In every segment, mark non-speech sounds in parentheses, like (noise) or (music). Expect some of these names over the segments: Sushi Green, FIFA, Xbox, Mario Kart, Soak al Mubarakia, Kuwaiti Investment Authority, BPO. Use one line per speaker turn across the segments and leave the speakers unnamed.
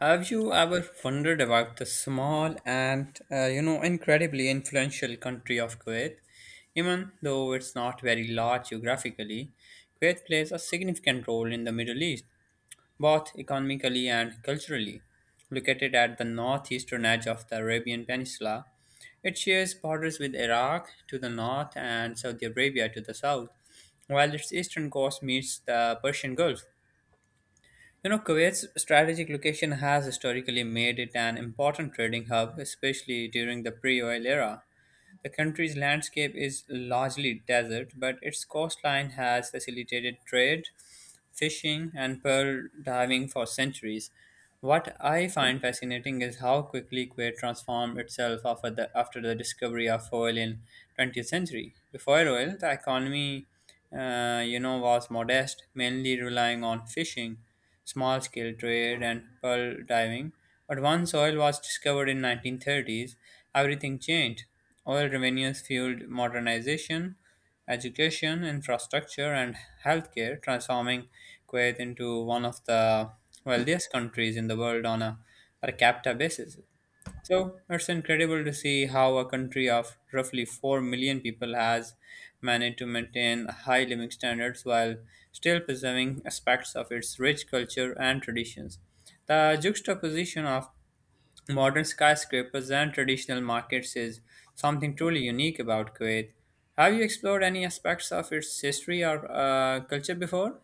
Have you ever wondered about the small and incredibly influential country of Kuwait? Even though it's not very large geographically, Kuwait plays a significant role in the Middle East, both economically and culturally. Located at the northeastern edge of the Arabian Peninsula, it shares borders with Iraq to the north and Saudi Arabia to the south, while its eastern coast meets the Persian Gulf. Kuwait's strategic location has historically made it an important trading hub, especially during the pre oil era. The country's landscape is largely desert, but its coastline has facilitated trade, fishing, and pearl diving for centuries. What I find fascinating is how quickly Kuwait transformed itself after the discovery of oil in 20th century. Before oil, the economy, was modest, mainly relying on fishing small scale trade and pearl diving. But once oil was discovered in 1930s, everything changed. Oil revenues fueled modernization, education, infrastructure and healthcare, transforming Kuwait into one of the wealthiest countries in the world on a per capita basis. So it's incredible to see how a country of roughly 4 million people has managed to maintain high living standards while still preserving aspects of its rich culture and traditions. The juxtaposition of modern skyscrapers and traditional markets is something truly unique about Kuwait. Have you explored any aspects of its history or culture before?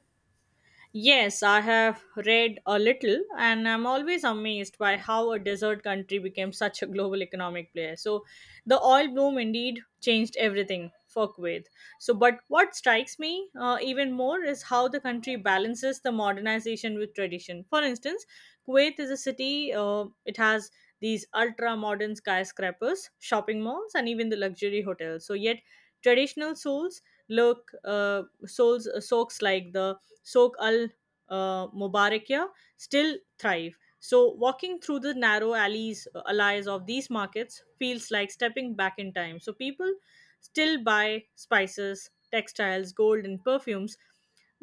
Yes, I have read a little, and I'm always amazed by how a desert country became such a global economic player. So, the oil boom indeed changed everything for Kuwait. But what strikes me even more is how the country balances the modernization with tradition. For instance, Kuwait is a city, it has these ultra modern skyscrapers, shopping malls, and even the luxury hotels. So, yet traditional souls look souls soaks like the Soak al Mubarakia, still thrive. So, walking through the narrow alleys of these markets feels like stepping back in time. So, people still buy spices, textiles, gold, and perfumes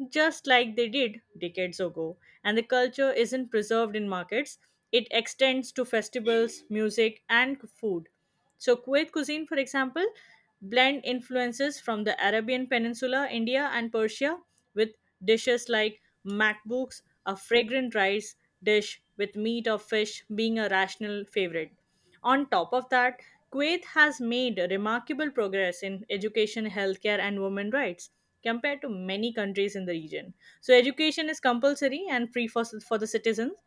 just like they did decades ago. And the culture isn't preserved in markets, it extends to festivals, music, and food. So, Kuwait cuisine, for example, blend influences from the Arabian Peninsula, India, and Persia with dishes like makbouks, a fragrant rice dish with meat or fish being a rational favorite. On top of that, Kuwait has made remarkable progress in education, healthcare, and women rights compared to many countries in the region. So, education is compulsory and free for the citizens,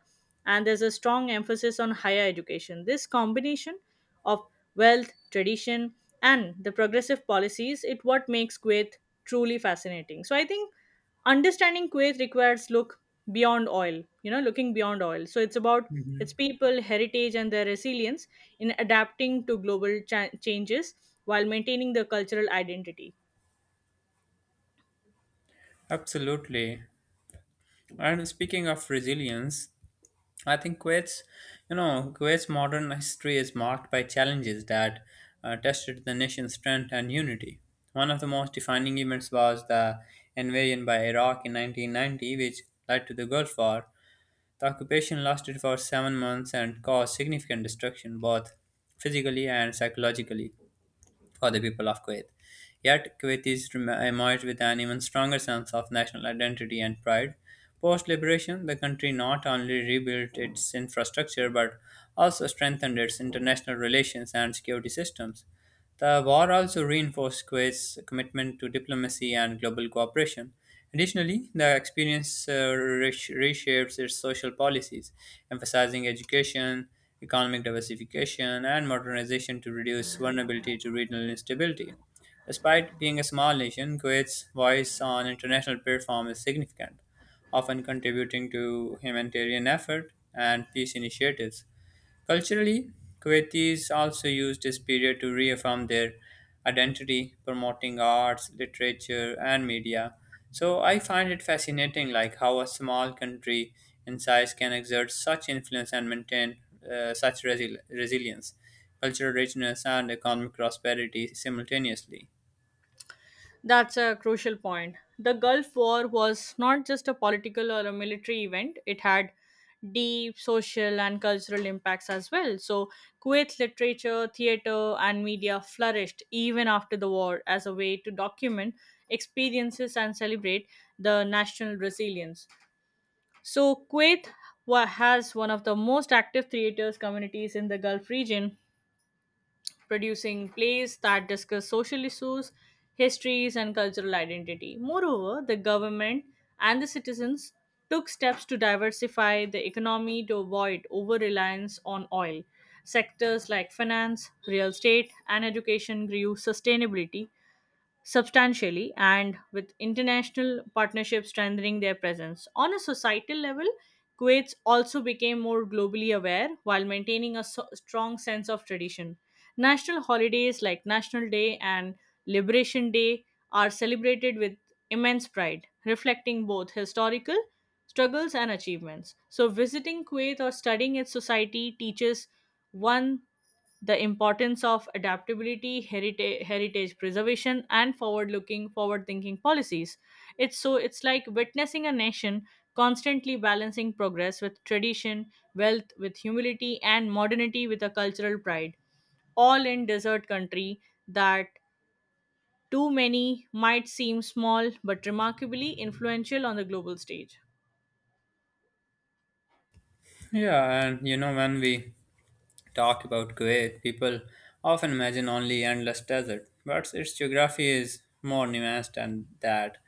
and there's a strong emphasis on higher education. This combination of wealth, tradition, and the progressive policies it what makes Kuwait truly fascinating. So, I think understanding Kuwait requires looking beyond oil. So, it's about its
Mhm.
people, heritage, and their resilience in adapting to global changes while maintaining the cultural identity.
Absolutely. And speaking of resilience, I think Kuwait's modern history is marked by challenges that tested the nation's strength and unity. One of the most defining events was the invasion by Iraq in 1990, which led to the Gulf War. The occupation lasted for 7 months and caused significant destruction, both physically and psychologically for the people of Kuwait. Yet, emerged with an even stronger sense of national identity and pride. Post liberation, the country not only rebuilt its infrastructure but also strengthened its international relations and security systems. The war also reinforced Kuwait's commitment to diplomacy and global cooperation. Additionally, the experience reshapes its social policies, emphasizing education, economic diversification, and modernization to reduce vulnerability to regional instability. Despite being a small nation, Kuwait's voice on international platform is significant, often contributing to humanitarian effort and peace initiatives. Culturally, Kuwaitis also used this period to reaffirm their identity, promoting arts, literature, and media. So I find it fascinating, like how a small country in size can exert such influence and maintain resilience, cultural richness, and economic prosperity simultaneously.
That's a crucial point. The Gulf War was not just a political or a military event, it had deep social and cultural impacts as well. So, Kuwait's literature, theater, and media flourished even after the war as a way to document experiences and celebrate the national resilience. So, Kuwait has one of the most active theaters communities in the Gulf region, producing plays that discuss social issues, histories, and cultural identity. Moreover, the government and the citizens took steps to diversify the economy to avoid over reliance on oil. Sectors like finance, real estate, and education grew sustainability substantially and with international partnerships strengthening their presence. On a societal level, Kuwait also became more globally aware while maintaining a strong sense of tradition. National holidays like National Day and Liberation Day are celebrated with immense pride, reflecting both historical struggles and achievements. So, visiting Kuwait or studying its society teaches one the importance of adaptability, heritage preservation, and forward-thinking policies. It's like witnessing a nation constantly balancing progress with tradition, wealth with humility, and modernity with a cultural pride all in desert country that too many might seem small but remarkably influential on the global stage.
Yeah, and you know when we talk about Kuwait, people often imagine only endless desert, but its geography is more nuanced than that.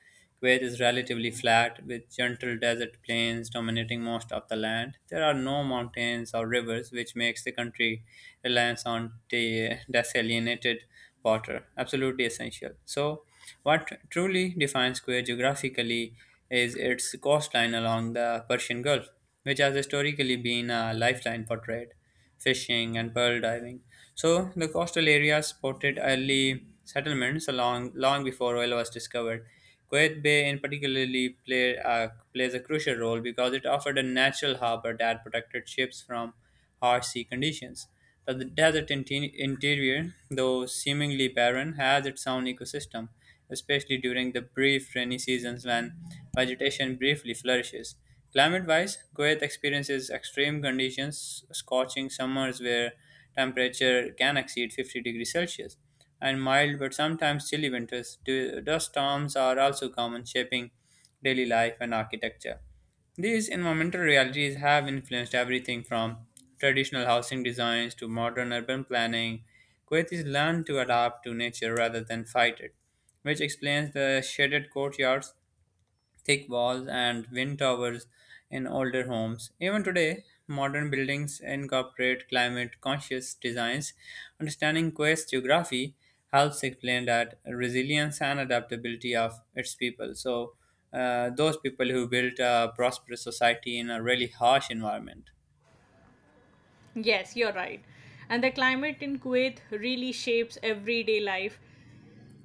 Kuwait is relatively flat, with gentle desert plains dominating most of the land. There are no mountains or rivers, which makes the country reliance on desalinated water absolutely essential. So, what truly defines Kuwait geographically is its coastline along the Persian Gulf, which has historically been a lifeline for trade fishing, and pearl diving. So the coastal areas supported early settlements along long before oil was discovered. Kuwait Bay, in particularly, plays a crucial role because it offered a natural harbor that protected ships from harsh sea conditions. But the desert interior, though seemingly barren, has its own ecosystem, especially during the brief rainy seasons when vegetation briefly flourishes. Climate wise, Kuwait experiences extreme conditions, scorching summers where temperature can exceed 50 degrees Celsius, and mild but sometimes chilly winters. Dust storms are also common, shaping daily life and architecture. These environmental realities have influenced everything from traditional housing designs to modern urban planning. Kuwait is learned to adapt to nature rather than fight it, which explains the shaded courtyards, thick walls, and wind towers in older homes. Even today, modern buildings incorporate climate conscious designs. Understanding Kuwait's geography helps explain that resilience and adaptability of its people. So, those people who built a prosperous society in a really harsh environment.
Yes, you're right. And the climate in Kuwait really shapes everyday life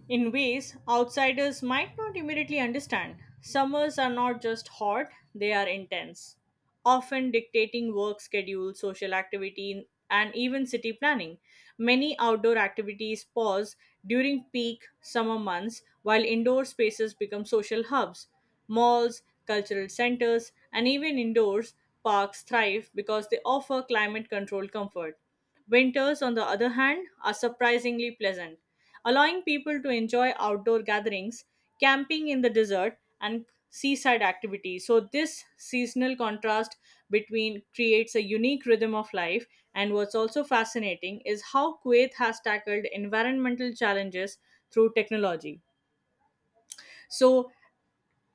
in ways outsiders might not immediately understand. Summers are not just hot, they are intense, often dictating work schedules, social activity, and even city planning. Many outdoor activities pause during peak summer months, while indoor spaces become social hubs. Malls, cultural centers, and even indoors parks thrive because they offer climate controlled comfort. Winters, on the other hand, are surprisingly pleasant, allowing people to enjoy outdoor gatherings, camping in the desert, and seaside activities. So, this seasonal contrast between creates a unique rhythm of life. And what's also fascinating is how Kuwait has tackled environmental challenges through technology. So,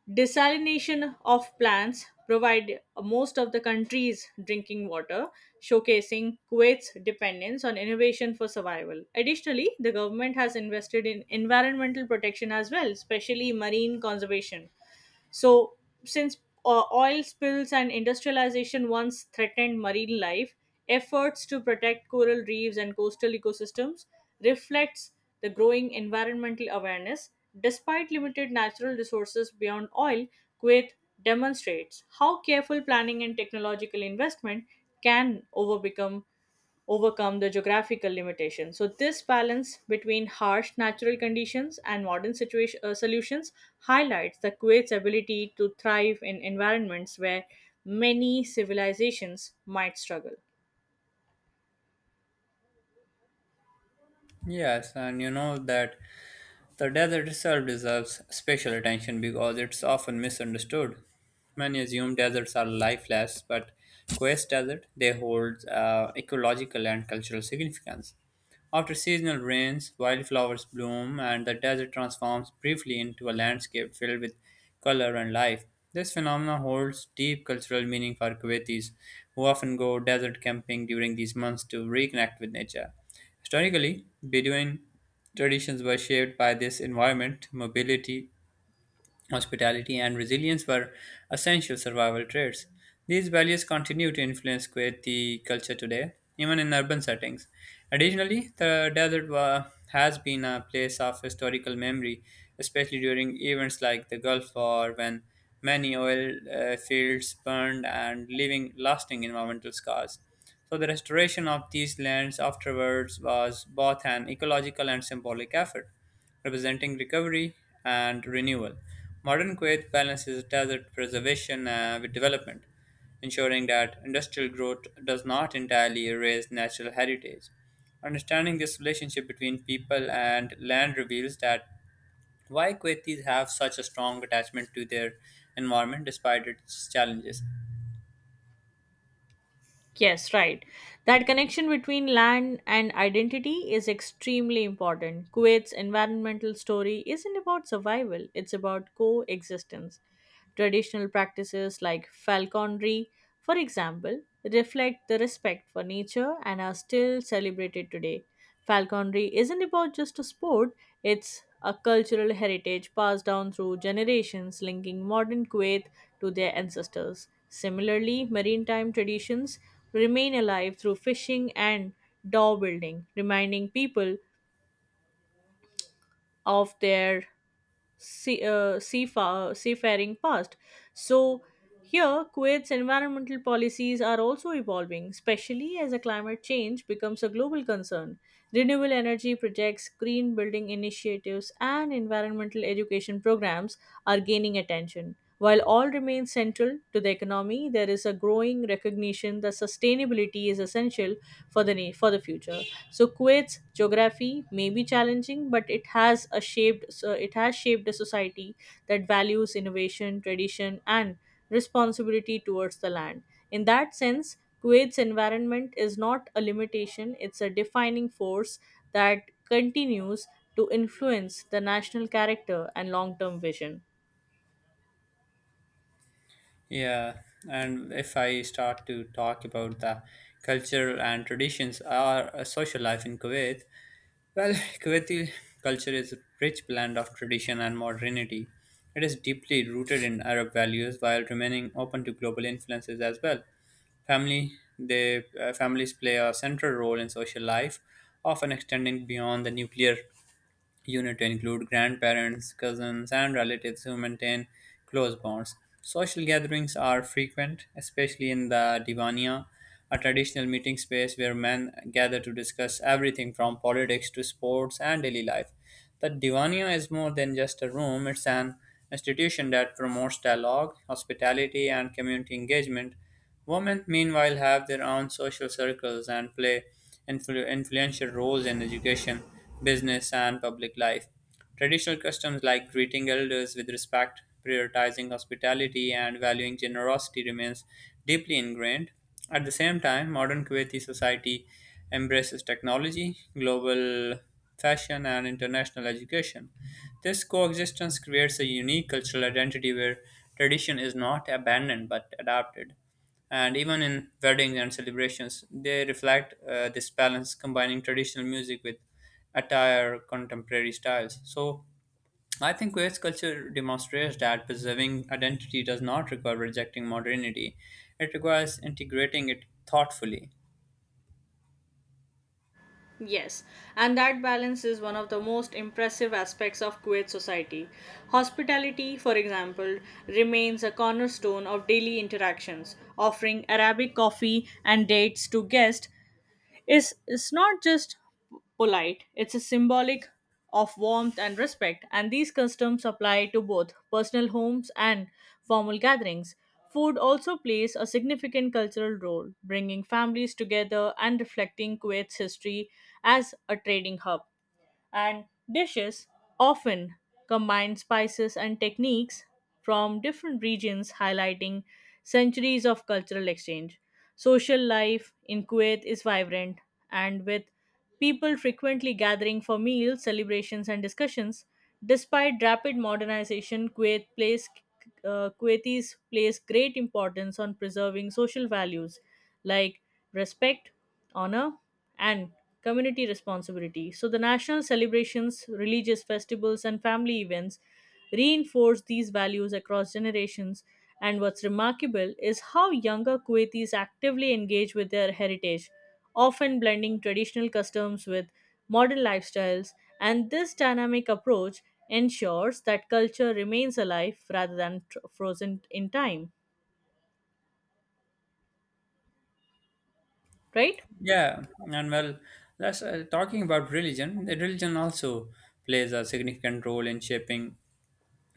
desalination of plants provide most of the country's drinking water, showcasing Kuwait's dependence on innovation for survival. Additionally, the government has invested in environmental protection as well, especially marine conservation. So, since oil spills and industrialization once threatened marine life, efforts to protect coral reefs and coastal ecosystems reflects the growing environmental awareness. Despite limited natural resources beyond oil, Kuwait demonstrates how careful planning and technological investment can overcome the geographical limitation. So, this balance between harsh natural conditions and modern solutions highlights the Kuwait's ability to thrive in environments where many civilizations might struggle.
Yes, and you know that the desert itself deserves special attention because it's often misunderstood. Many assume deserts are lifeless, but Quest Desert they hold ecological and cultural significance. After seasonal rains, wildflowers bloom, and the desert transforms briefly into a landscape filled with color and life. This phenomenon holds deep cultural meaning for Kuwaitis, who often go desert camping during these months to reconnect with nature. Historically, Bedouin traditions were shaped by this environment, mobility, hospitality and resilience were essential survival traits. These values continue to influence Kuwaiti culture today, even in urban settings. Additionally, the has been a place of historical memory, especially during events like the Gulf War when many oil fields burned and leaving lasting environmental scars. So, the restoration of these lands afterwards was both an ecological and symbolic effort representing recovery and renewal. Modern Kuwait balances desert preservation with development, ensuring that industrial growth does not entirely erase natural heritage. Understanding this relationship between people and land reveals that why Kuwaitis have such a strong attachment to their environment despite its challenges.
Yes, right. That connection between land and identity is extremely important. Kuwait's environmental story isn't about survival, it's about coexistence. Traditional practices like falconry, for example, reflect the respect for nature and are still celebrated today. Falconry isn't about just a sport, it's a cultural heritage passed down through generations, linking modern Kuwait to their ancestors. Similarly, maritime traditions remain alive through fishing and dhow building, reminding people of their seafaring past. So, here, Kuwait's environmental policies are also evolving, especially as a climate change becomes a global concern. Renewable energy projects, green building initiatives, and environmental education programs are gaining attention. While all remain central to the economy, there is a growing recognition that sustainability is essential for for the future. So Kuwait's geography may be challenging, but it has shaped a society that values innovation, tradition, and responsibility towards the land. In that sense, Kuwait's environment is not a limitation; it's a defining force that continues to influence the national character and long-term vision.
Yeah, and if I start to talk about the culture and traditions or social life in Kuwait, well, (laughs) Kuwaiti culture is a rich blend of tradition and modernity. It is deeply rooted in Arab values while remaining open to global influences as well. Family, Families play a central role in social life, often extending beyond the nuclear unit to include grandparents, cousins, and relatives who maintain close bonds. Social gatherings are frequent, especially in the Divania, a traditional meeting space where men gather to discuss everything from politics to sports and daily life. The Divania is more than just a room, it's an institution that promotes dialogue, hospitality, and community engagement. Women, meanwhile, have their own social circles and play influential roles in education, business, and public life. Traditional customs like greeting elders with respect, prioritizing hospitality, and valuing generosity remains deeply ingrained. At the same time, modern Kuwaiti society embraces technology, global fashion, and international education. This coexistence creates a unique cultural identity where tradition is not abandoned but adapted and even in weddings and celebrations, they reflect this balance, combining traditional music with attire, contemporary styles. So, I think Kuwait's culture demonstrates that preserving identity does not require rejecting modernity; it requires integrating it thoughtfully.
Yes, and that balance is one of the most impressive aspects of Kuwait society. Hospitality, for example, remains a cornerstone of daily interactions, offering Arabic coffee and dates to guests is not just polite, it's a symbolic of warmth and respect, and these customs apply to both personal homes and formal gatherings. Food also plays a significant cultural role, bringing families together and reflecting Kuwait's history as a trading hub, and dishes often combine spices and techniques from different regions, highlighting centuries of cultural exchange. Social life in Kuwait is vibrant, and with people frequently gathering for meals, celebrations, and discussions. Despite rapid modernization, Kuwaitis place great importance on preserving social values like respect, honor, and community responsibility. So the national celebrations, religious festivals, and family events reinforce these values across generations. And what's remarkable is how younger Kuwaitis actively engage with their heritage, often blending traditional customs with modern lifestyles. And this dynamic approach ensures that culture remains alive rather than frozen in time, right?
Yeah, and well, that's talking about religion. The religion also plays a significant role in shaping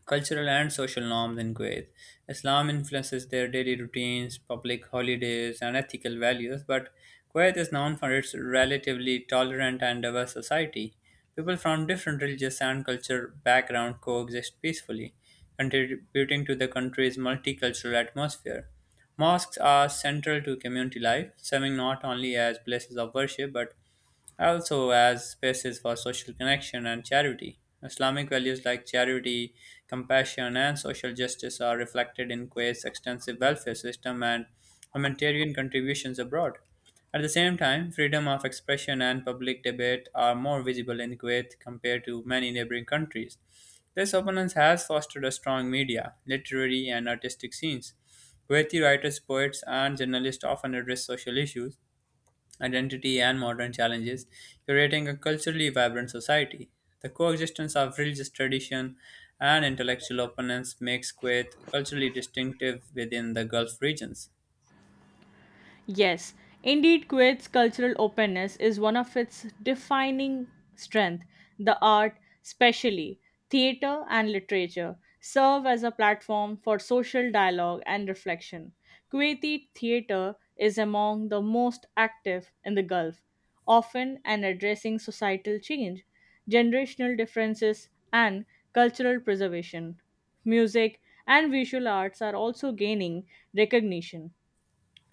cultural and social norms in Kuwait. Islam influences their daily routines, public holidays, and ethical values, but Kuwait is known for its relatively tolerant and diverse society. People from different religious and cultural backgrounds coexist peacefully, contributing to the country's multicultural atmosphere. Mosques are central to community life, serving not only as places of worship but also as spaces for social connection and charity. Islamic values like charity, compassion, and social justice are reflected in Kuwait's extensive welfare system and humanitarian contributions abroad. At the same time, freedom of expression and public debate are more visible in Kuwait compared to many neighboring countries. This openness has fostered a strong media, literary, and artistic scenes. Kuwaiti writers, poets, and journalists often address social issues identity, and modern challenges, creating a culturally vibrant society. The coexistence of religious tradition and intellectual openness makes Kuwait culturally distinctive within the Gulf regions.
Yes, indeed, Kuwait's cultural openness is one of its defining strength. The art, especially theater and literature, serve as a platform for social dialogue and reflection. Kuwaiti theater is among the most active in the Gulf, often and addressing societal change, generational differences, and cultural preservation. Music and visual arts are also gaining recognition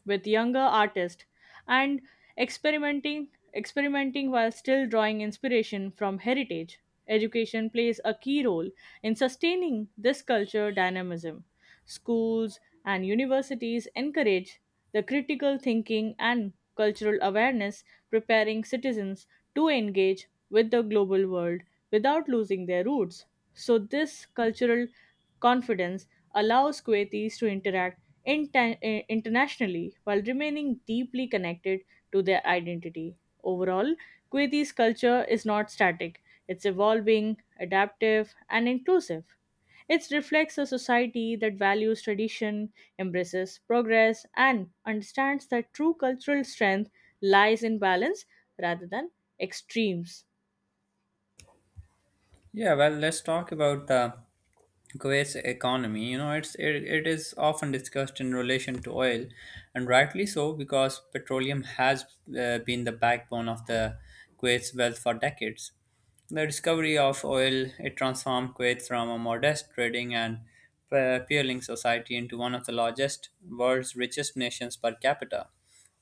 with younger artists and experimenting while still drawing inspiration from heritage. Education plays a key role in sustaining this culture dynamism. Schools and universities encourage the critical thinking and cultural awareness, preparing citizens to engage with the global world without losing their roots. So this cultural confidence allows Kuwaitis to internationally while remaining deeply connected to their identity. Overall, Kuwaiti's culture is not static, it's evolving, adaptive, and inclusive. It reflects a society that values tradition, embraces progress, and understands that true cultural strength lies in balance rather than extremes.
Yeah, well, let's talk about Kuwait's economy. You know, it is often discussed in relation to oil, and rightly so because petroleum has been the backbone of the Kuwait's wealth for decades. The discovery of oil, it transformed Kuwait from a modest trading and peerling society into one of the largest, world's richest nations per capita.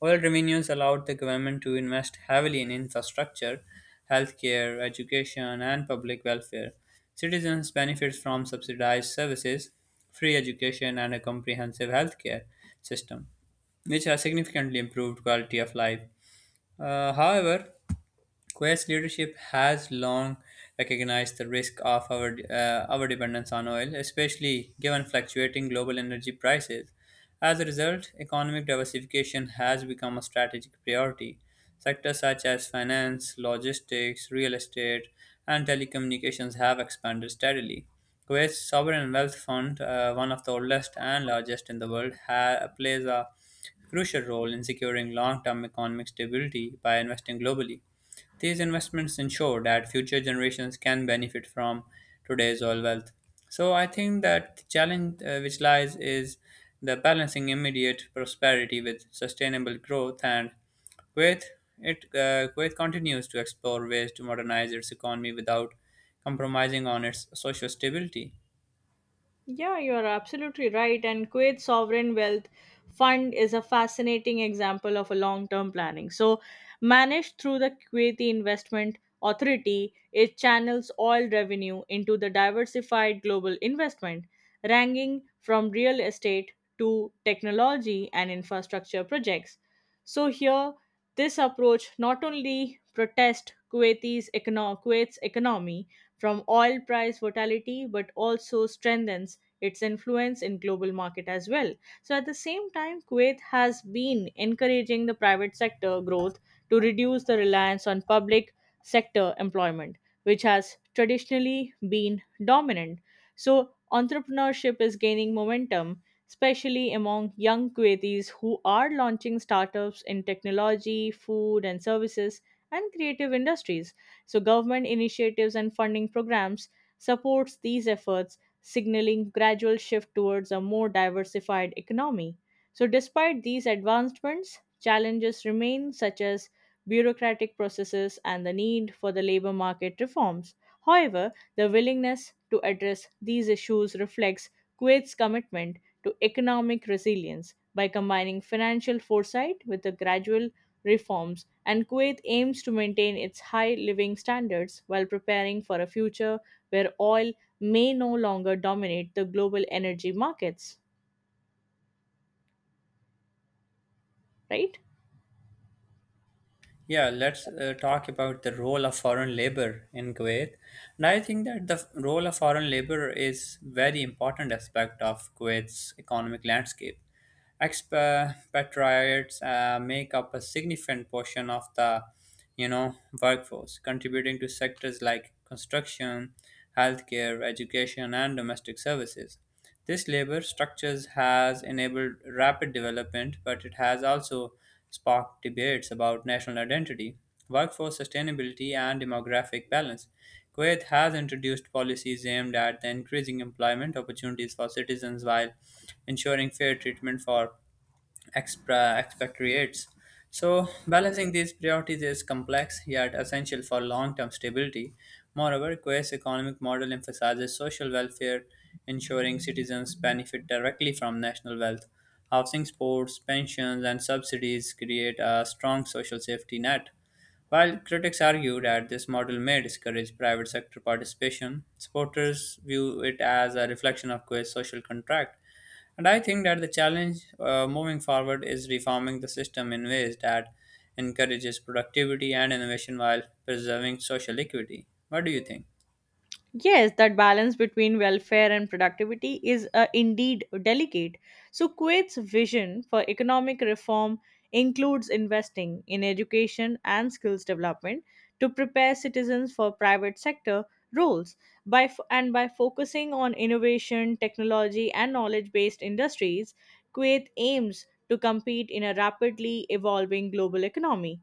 Oil revenues allowed the government to invest heavily in infrastructure, healthcare, education, and public welfare. Citizens benefit from subsidized services, free education, and a comprehensive healthcare system, which has significantly improved quality of life. However, Quest leadership has long recognized the risk of our dependence on oil, especially given fluctuating global energy prices. As a result, economic diversification has become a strategic priority. Sectors such as finance, logistics, real estate, and telecommunications have expanded steadily. Kuwait's sovereign wealth fund, one of the oldest and largest in the world, plays a crucial role in securing long-term economic stability by investing globally. These investments ensure that future generations can benefit from today's oil wealth. So I think that the challenge which lies is the balancing immediate prosperity with sustainable growth and Kuwait Kuwait continues to explore ways to modernize its economy without compromising on its social stability.
Yeah, you are absolutely right. And Kuwait's sovereign wealth fund is a fascinating example of a long-term planning. So, managed through the Kuwaiti Investment Authority, it channels oil revenue into the diversified global investment, ranging from real estate to technology and infrastructure projects. So here, this approach not only protests Kuwait's economy from oil price volatility, but also strengthens its influence in global market as well. So at the same time, Kuwait has been encouraging the private sector growth to reduce the reliance on public sector employment, which has traditionally been dominant. So entrepreneurship is gaining momentum, especially among young Kuwaitis who are launching startups in technology, food and services and creative industries. So government initiatives and funding programs supports these efforts, signaling gradual shift towards a more diversified economy. So despite these advancements, challenges remain such as bureaucratic processes, and the need for the labor market reforms. However, the willingness to address these issues reflects Kuwait's commitment to economic resilience by combining financial foresight with the gradual reforms, and Kuwait aims to maintain its high living standards while preparing for a future where oil may no longer dominate the global energy markets, right?
Yeah, let's talk about the role of foreign labor in Kuwait. And I think that the role of foreign labor is very important aspect of Kuwait's economic landscape. Expatriates make up a significant portion of the, you know, workforce, contributing to sectors like construction, healthcare, education, and domestic services. This labor structures has enabled rapid development, but it has also sparked debates about national identity, workforce sustainability, and demographic balance. Kuwait has introduced policies aimed at the increasing employment opportunities for citizens while ensuring fair treatment for expatriates. So, balancing these priorities is complex yet essential for long term stability. Moreover, Kuwait's economic model emphasizes social welfare, ensuring citizens benefit directly from national wealth. Housing, sports, pensions, and subsidies create a strong social safety net. While critics argue that this model may discourage private sector participation, supporters view it as a reflection of Kuwait's social contract. And I think that the challenge moving forward is reforming the system in ways that encourages productivity and innovation while preserving social equity. What do you think?
Yes, that balance between welfare and productivity is indeed delicate. So, Kuwait's vision for economic reform includes investing in education and skills development to prepare citizens for private sector roles by f- and by focusing on innovation, technology and knowledge-based industries, Kuwait aims to compete in a rapidly evolving global economy.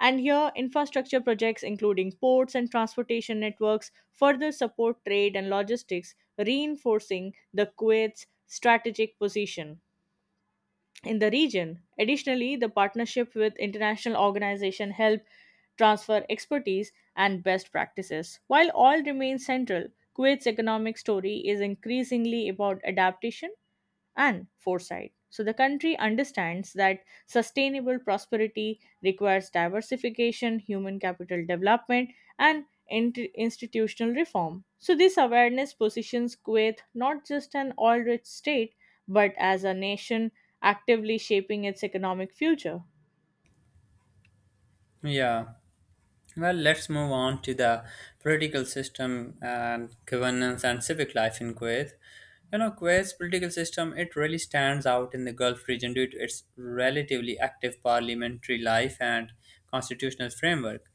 And here, infrastructure projects, including ports and transportation networks, further support trade and logistics, reinforcing the Kuwait's strategic position in the region. Additionally, the partnership with international organizations help transfer expertise and best practices. While all remains central, Kuwait's economic story is increasingly about adaptation and foresight. So the country understands that sustainable prosperity requires diversification, human capital development, and institutional reform. So this awareness positions Kuwait not just an oil-rich state, but as a nation actively shaping its economic future.
Yeah. Well, let's move on to the political system and governance and civic life in Kuwait. You know, Kuwait's political system, it really stands out in the Gulf region due to its relatively active parliamentary life and constitutional framework.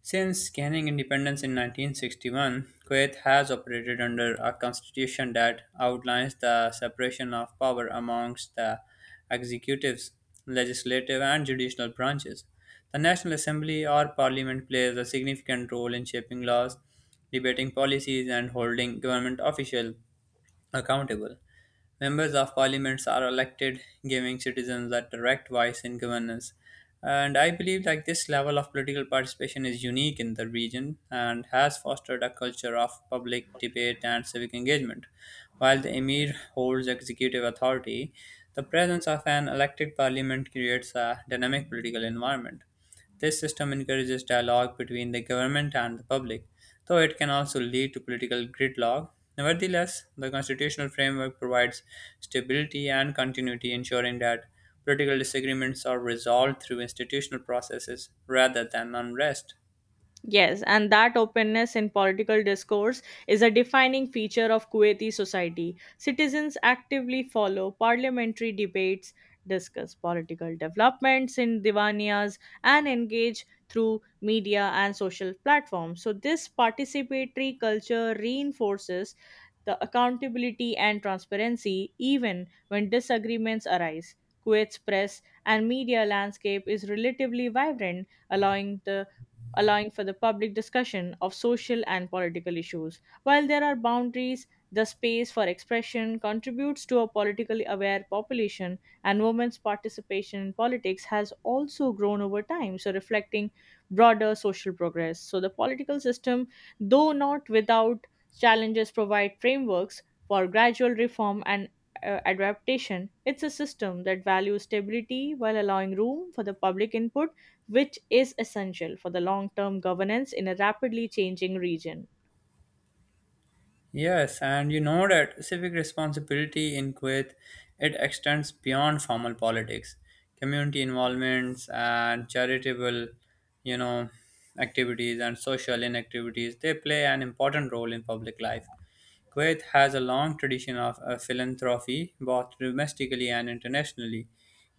Since gaining independence in 1961, Kuwait has operated under a constitution that outlines the separation of power amongst the executives, legislative, and judicial branches. The National Assembly or Parliament plays a significant role in shaping laws, debating policies, and holding government officials accountable. Members of parliaments are elected, giving citizens a direct voice in governance. And I believe like this level of political participation is unique in the region and has fostered a culture of public debate and civic engagement. While the emir holds executive authority, the presence of an elected parliament creates a dynamic political environment. This system encourages dialogue between the government and the public, though it can also lead to political gridlock. Nevertheless, the constitutional framework provides stability and continuity, ensuring that political disagreements are resolved through institutional processes rather than unrest.
Yes, and that openness in political discourse is a defining feature of Kuwaiti society. Citizens actively follow parliamentary debates, discuss political developments in divaniyas, and engage through media and social platforms. So, this participatory culture reinforces the accountability and transparency even when disagreements arise. Kuwait's press and media landscape is relatively vibrant, allowing for the public discussion of social and political issues. While there are boundaries, the space for expression contributes to a politically aware population, and women's participation in politics has also grown over time, so reflecting broader social progress. So, the political system, though not without challenges, provide frameworks for gradual reform and adaptation. It's a system that values stability while allowing room for the public input which is essential for the long term governance in a rapidly changing region.
Yes, and you know that civic responsibility in Kuwait it extends beyond formal politics. Community involvements and charitable, you know, activities and social inactivities they play an important role in public life. Kuwait has a long tradition of philanthropy, both domestically and internationally.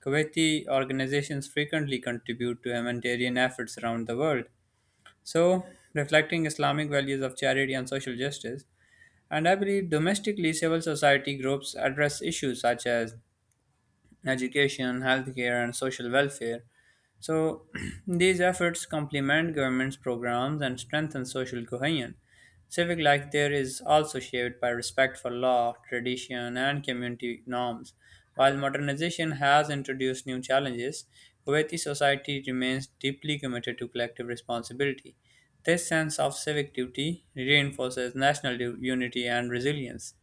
Kuwaiti organizations frequently contribute to humanitarian efforts around the world. So, reflecting Islamic values of charity and social justice and I believe domestically civil society groups address issues such as education, healthcare, and social welfare. So, (clears throat) these efforts complement government's programs and strengthen social cohesion. Civic life there is also shaped by respect for law, tradition, and community norms. While modernization has introduced new challenges, Kuwaiti society remains deeply committed to collective responsibility. This sense of civic duty reinforces national unity and resilience.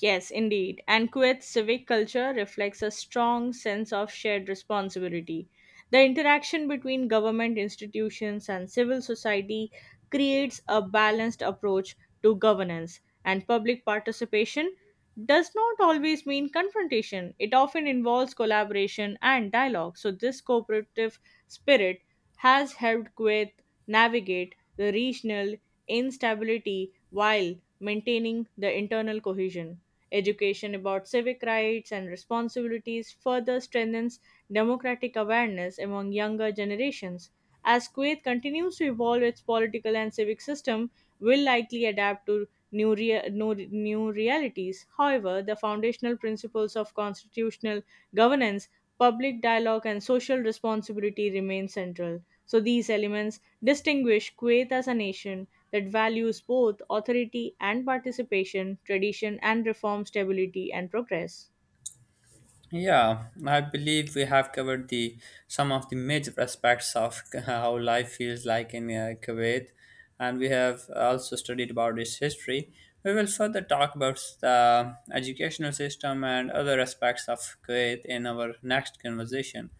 Yes, indeed. And Kuwait's civic culture reflects a strong sense of shared responsibility. The interaction between government institutions and civil society creates a balanced approach to governance, and public participation does not always mean confrontation. It often involves collaboration and dialogue. So, this cooperative spirit has helped Kuwait navigate the regional instability while maintaining the internal cohesion. Education about civic rights and responsibilities further strengthens democratic awareness among younger generations. As Kuwait continues to evolve its political and civic system, will likely adapt to new realities. However, the foundational principles of constitutional governance, public dialogue, and social responsibility remain central. So these elements distinguish Kuwait as a nation that values both authority and participation, tradition and reform, stability and progress.
Yeah, I believe we have covered the some of the major aspects of (laughs) how life feels like in Kuwait, and we have also studied about its history. We will further talk about the educational system and other aspects of Kuwait in our next conversation.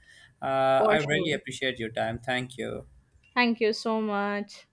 I
For
really
sure.
appreciate your time. Thank you.
Thank you so much.